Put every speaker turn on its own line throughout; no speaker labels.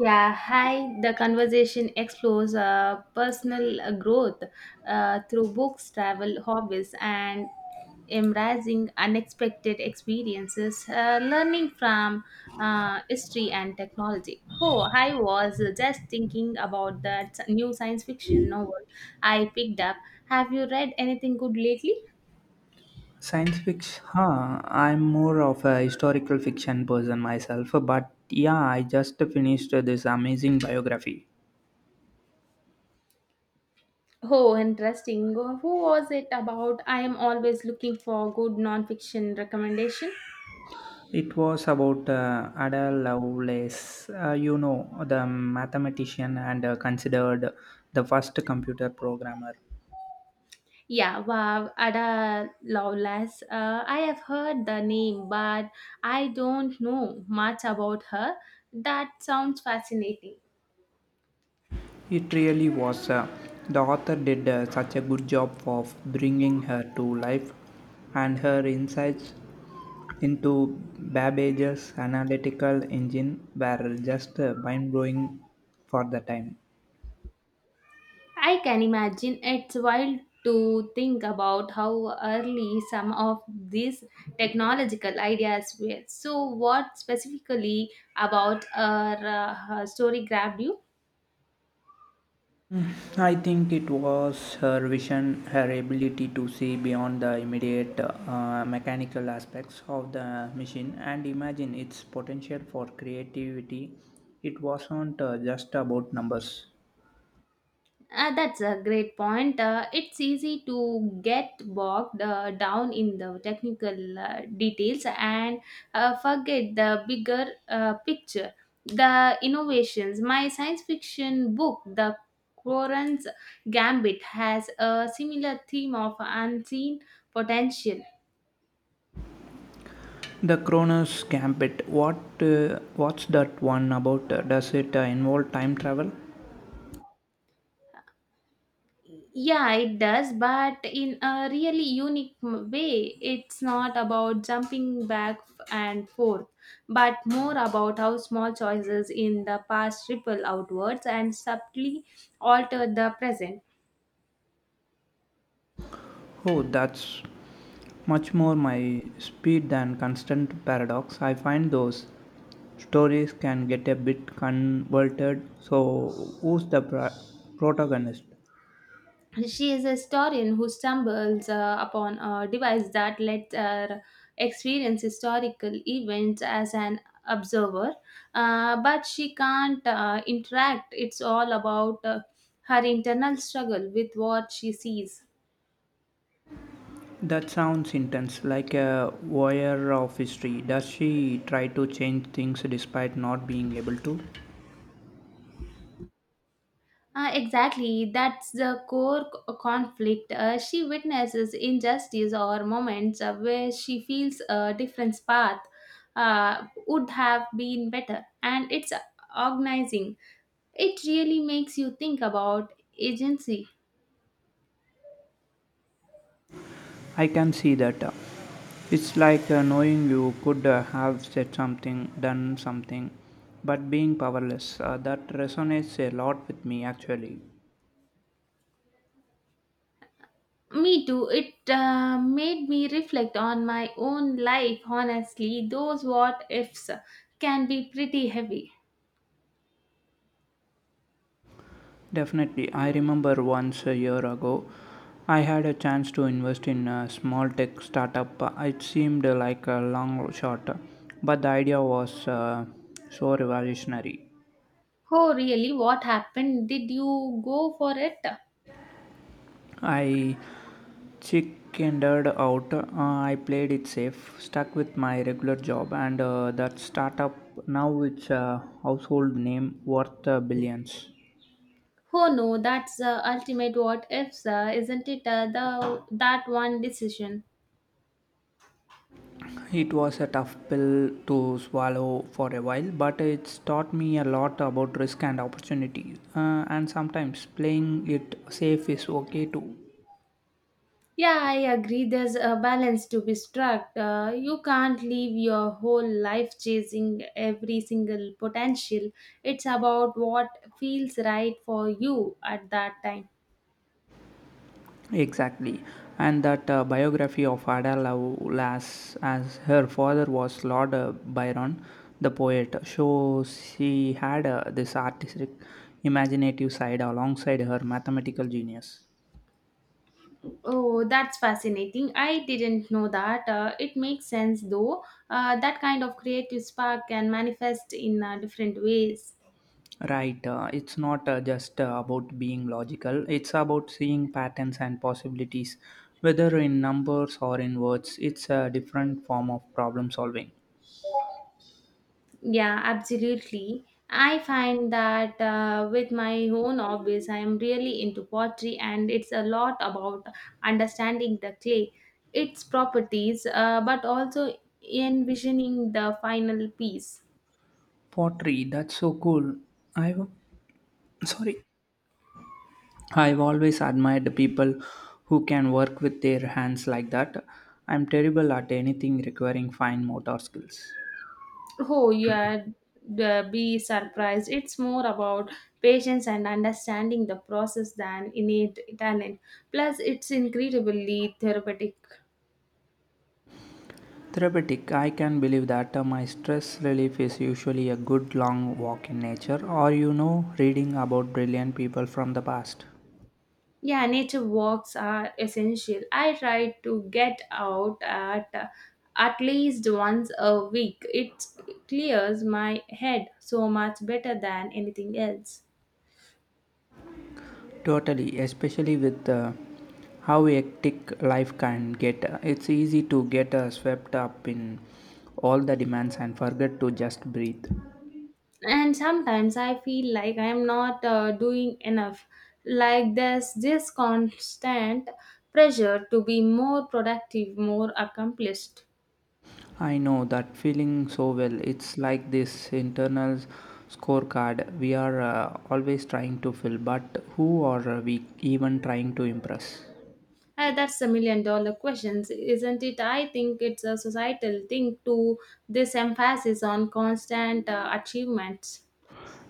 Yeah, hi. The conversation explores personal growth through books, travel, hobbies, and embracing unexpected experiences, learning from history and technology. Oh, I was just thinking about that new science fiction novel I picked up. Have you read anything good lately?
Science fiction, huh? I'm more of a historical fiction person myself, but yeah, I just finished this amazing biography.
Oh, interesting. Who was it about? I am always looking for good non-fiction recommendation.
It was about Ada Lovelace, the mathematician and considered the first computer programmer.
Yeah, wow, Ada Lovelace. I have heard the name, but I don't know much about her. That sounds fascinating.
It really was. The author did such a good job of bringing her to life, and her insights into Babbage's analytical engine were just mind-blowing for the time.
I can imagine it's wild to think about how early some of these technological ideas were. So, what specifically about her, her story grabbed you?
I think it was her vision, her ability to see beyond the immediate mechanical aspects of the machine and imagine its potential for creativity. It wasn't just about numbers.
That's a great point. It's easy to get bogged down in the technical details and forget the bigger picture, the innovations. My science fiction book, The Quorum's Gambit, has a similar theme of unseen potential.
The Kronos Gambit. What's that one about? Does it involve time travel?
Yeah, it does, but in a really unique way. It's not about jumping back and forth, but more about how small choices in the past ripple outwards and subtly alter the present.
Oh, that's much more my speed than Constant Paradox. I find those stories can get a bit convoluted. So, who's the pra- protagonist?
She is a historian who stumbles upon a device that lets her experience historical events as an observer, but she can't interact. It's all about her internal struggle with what she sees.
That sounds intense, like a warrior of history. Does she try to change things despite not being able to?
Exactly, that's the core conflict. She witnesses injustice or moments where she feels a different path would have been better, and it's agonizing. It really makes you think about agency.
I can see that. It's like knowing you could have said something, done something, but being powerless. That resonates a lot with me actually.
Me too. It made me reflect on my own life. Honestly, those what ifs can be pretty heavy.
Definitely, I remember once a year ago, I had a chance to invest in a small tech startup. It seemed like a long shot, but the idea was uh, so revolutionary.
Oh, really? What happened? Did you go for it?
I chickened out. I played it safe, stuck with my regular job and that startup. Now it's a household name worth billions.
Oh no, that's ultimate what ifs, isn't it? The that one decision.
It was a tough pill to swallow for a while, but it's taught me a lot about risk and opportunity. And sometimes playing it safe is okay too.
Yeah, I agree. There's a balance to be struck. You can't live your whole life chasing every single potential. It's about what feels right for you at that time.
Exactly, and that biography of Ada Lovelace, as her father was Lord Byron, the poet, shows she had this artistic, imaginative side alongside her mathematical genius.
Oh, that's fascinating. I didn't know that. It makes sense though. That kind of creative spark can manifest in different ways.
Right, it's not just about being logical, it's about seeing patterns and possibilities, whether in numbers or in words. It's a different form of problem solving.
Yeah, absolutely. I find that with my own hobbies, I am really into pottery, and it's a lot about understanding the clay, its properties, but also envisioning the final piece.
Pottery, that's so cool. I w- Sorry. I've always admired the people who can work with their hands like that. I'm terrible at anything requiring fine motor skills.
Oh, yeah, the, be surprised. It's more about patience and understanding the process than innate talent. Plus, it's incredibly therapeutic.
Therapeutic, I can believe that. My stress relief is usually a good long walk in nature or, you know, reading about brilliant people from the past.
Yeah, nature walks are essential. I try to get out at at least once a week. It clears my head so much better than anything else.
Totally, especially with how hectic life can get. It's easy to get swept up in all the demands and forget to just breathe.
And sometimes I feel like I'm not doing enough. Like there's this constant pressure to be more productive, more accomplished.
I know that feeling so well. It's like this internal scorecard we are always trying to fill, but who are we even trying to impress?
That's a million dollar question, isn't it? I think it's a societal thing to this emphasis on constant achievements.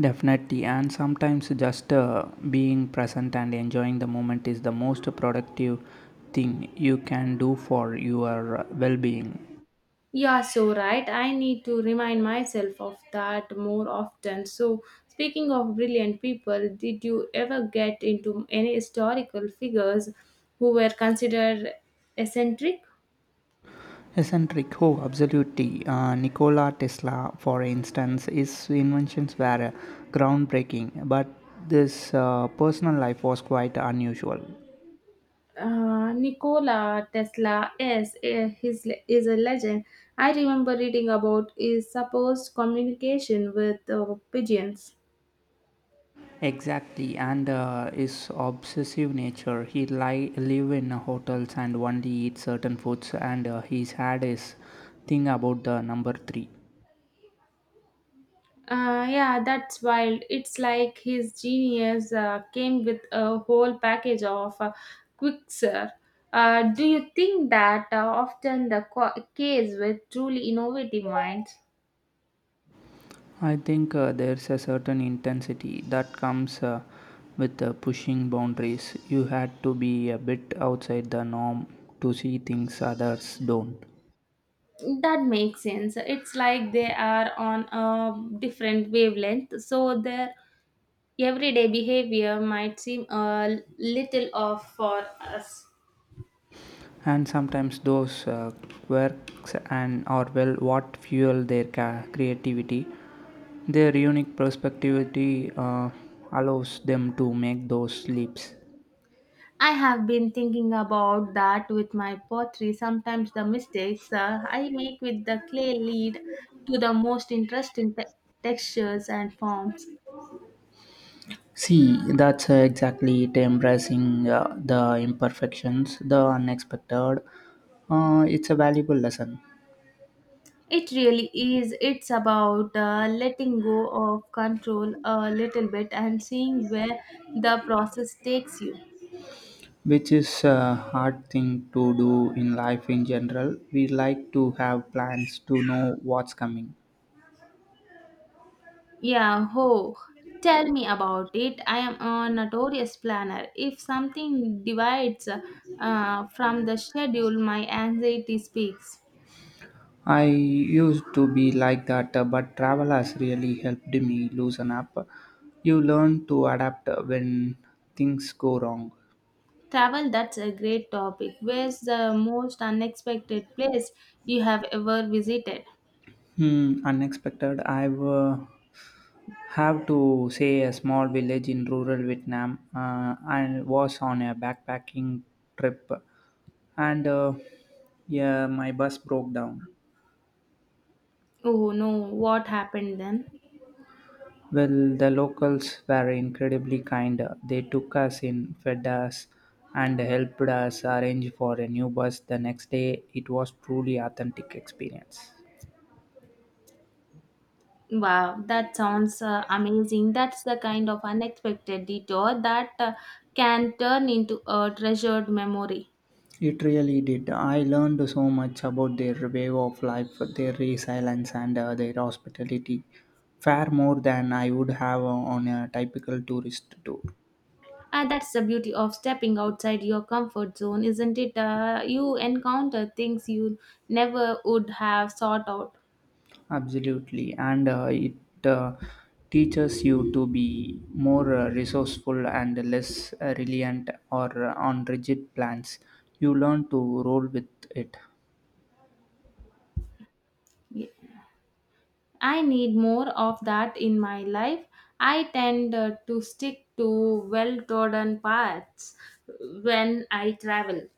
Definitely, and sometimes just being present and enjoying the moment is the most productive thing you can do for your well being.
Yeah, so right. I need to remind myself of that more often. So, speaking of brilliant people, did you ever get into any historical figures who were considered eccentric?
Eccentric, oh, absolutely. Nikola Tesla, for instance, his inventions were groundbreaking, but this personal life was quite unusual.
Nikola Tesla is, is a legend. I remember reading about his supposed communication with pigeons.
Exactly, and his obsessive nature. Live in hotels and only eat certain foods, and he's had his thing about the number three.
Yeah, that's wild. It's like his genius came with a whole package of quicksilver. Do you think that often the case with truly innovative minds?
I think there's a certain intensity that comes with pushing boundaries. You had to be a bit outside the norm to see things others don't.
That makes sense. It's like they are on a different wavelength, so their everyday behavior might seem a little off for us.
And sometimes those quirks and or well what fuel their creativity. Their unique perspectivity allows them to make those leaps.
I have been thinking about that with my pottery. Sometimes the mistakes I make with the clay lead to the most interesting textures and forms.
See, that's exactly it embracing the imperfections, the unexpected. It's a valuable lesson,
It really is. It's about letting go of control a little bit and seeing where the process takes you.
which is a hard thing to do in life in general. We like to have plans to know what's coming.
Yeah, oh, tell me about it. I am a notorious planner. If something divides from the schedule, my anxiety speaks.
I used to be like that, but travel has really helped me loosen up. You learn to adapt when things go wrong.
Travel, that's a great topic. Where's the most unexpected place you have ever visited?
Hmm, unexpected. I've have to say a small village in rural Vietnam and was on a backpacking trip and yeah, my bus broke down.
Oh no, what happened then?
Well, the locals were incredibly kind, they took us in, fed us, and helped us arrange for a new bus the next day. It was truly authentic experience.
Wow, that sounds amazing. That's the kind of unexpected detour that can turn into a treasured memory.
It really did. I learned so much about their way of life, their resilience, and their hospitality, far more than I would have on a typical tourist tour.
And that's the beauty of stepping outside your comfort zone, isn't it? You encounter things you never would have sought out.
Absolutely, and it uh, teaches you to be more resourceful and less reliant or on rigid plans. You learn to roll with it.
Yeah. I need more of that in my life. I tend to stick to well trodden paths when I travel.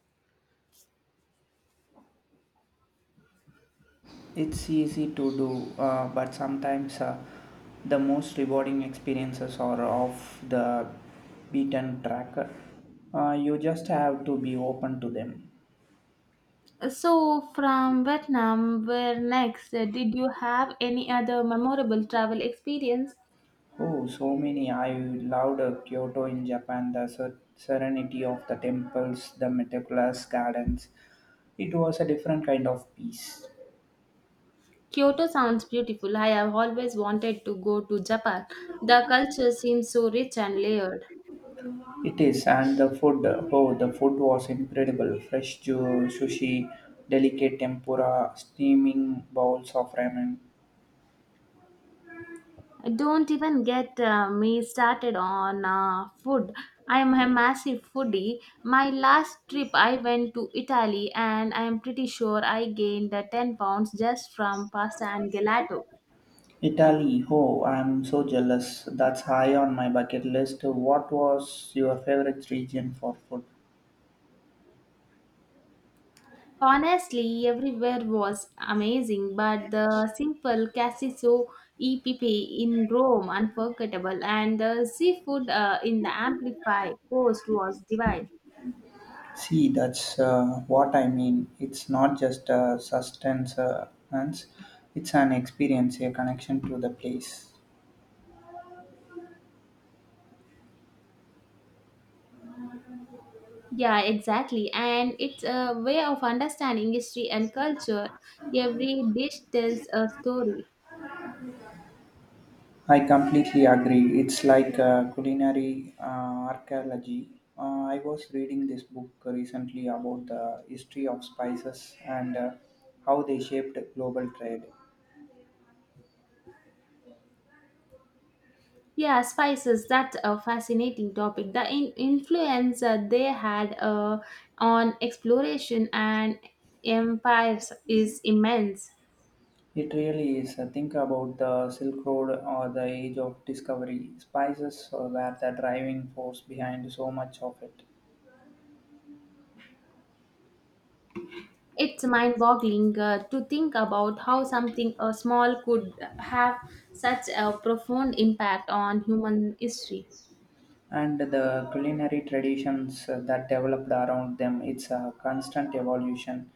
It's easy to do, but sometimes the most rewarding experiences are off the beaten track. You just have to be open to them.
So, from Vietnam, where next? Did you have any other memorable travel experience?
Oh, so many! I loved Kyoto in Japan, the serenity of the temples, the meticulous gardens. It was a different kind of peace.
Kyoto sounds beautiful. I have always wanted to go to Japan. The culture seems so rich and layered.
It is, and the food, oh, the food was incredible. Fresh sushi, delicate tempura, steaming bowls of ramen.
Don't even get me started on food. I am a massive foodie. My last trip, I went to Italy and I am pretty sure I gained 10 pounds just from pasta and gelato.
Italy, oh, I'm so jealous. That's high on my bucket list. What was your favorite region for food?
Honestly, everywhere was amazing, but the simple Cassiso EPP in Rome, unforgettable, and the seafood in the Amplify coast was divine.
See, that's what I mean. It's not just a sustenance, and it's an experience, a connection to the place.
Yeah, exactly. And it's a way of understanding history and culture. Every dish tells a story.
I completely agree. It's like culinary archaeology. I was reading this book recently about the history of spices and how they shaped global trade.
Yeah, spices, that's a fascinating topic. The influence they had on exploration and empires is immense.
It really is. Think about the Silk Road or the Age of Discovery. Spices were the driving force behind so much of it.
It's mind boggling to think about how something small could have such a profound impact on human history.
And the culinary traditions that developed around them, it's a constant evolution.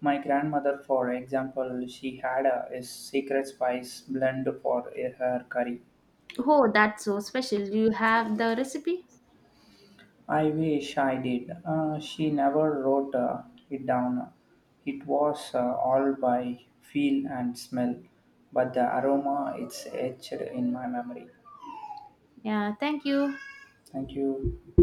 My grandmother, for example, she had a secret spice blend for her curry.
Oh, that's so special. Do you have the recipe?
I wish I did. She never wrote it down. It was all by feel and smell, but the aroma it's etched in my memory.
Yeah, thank you.
Thank you.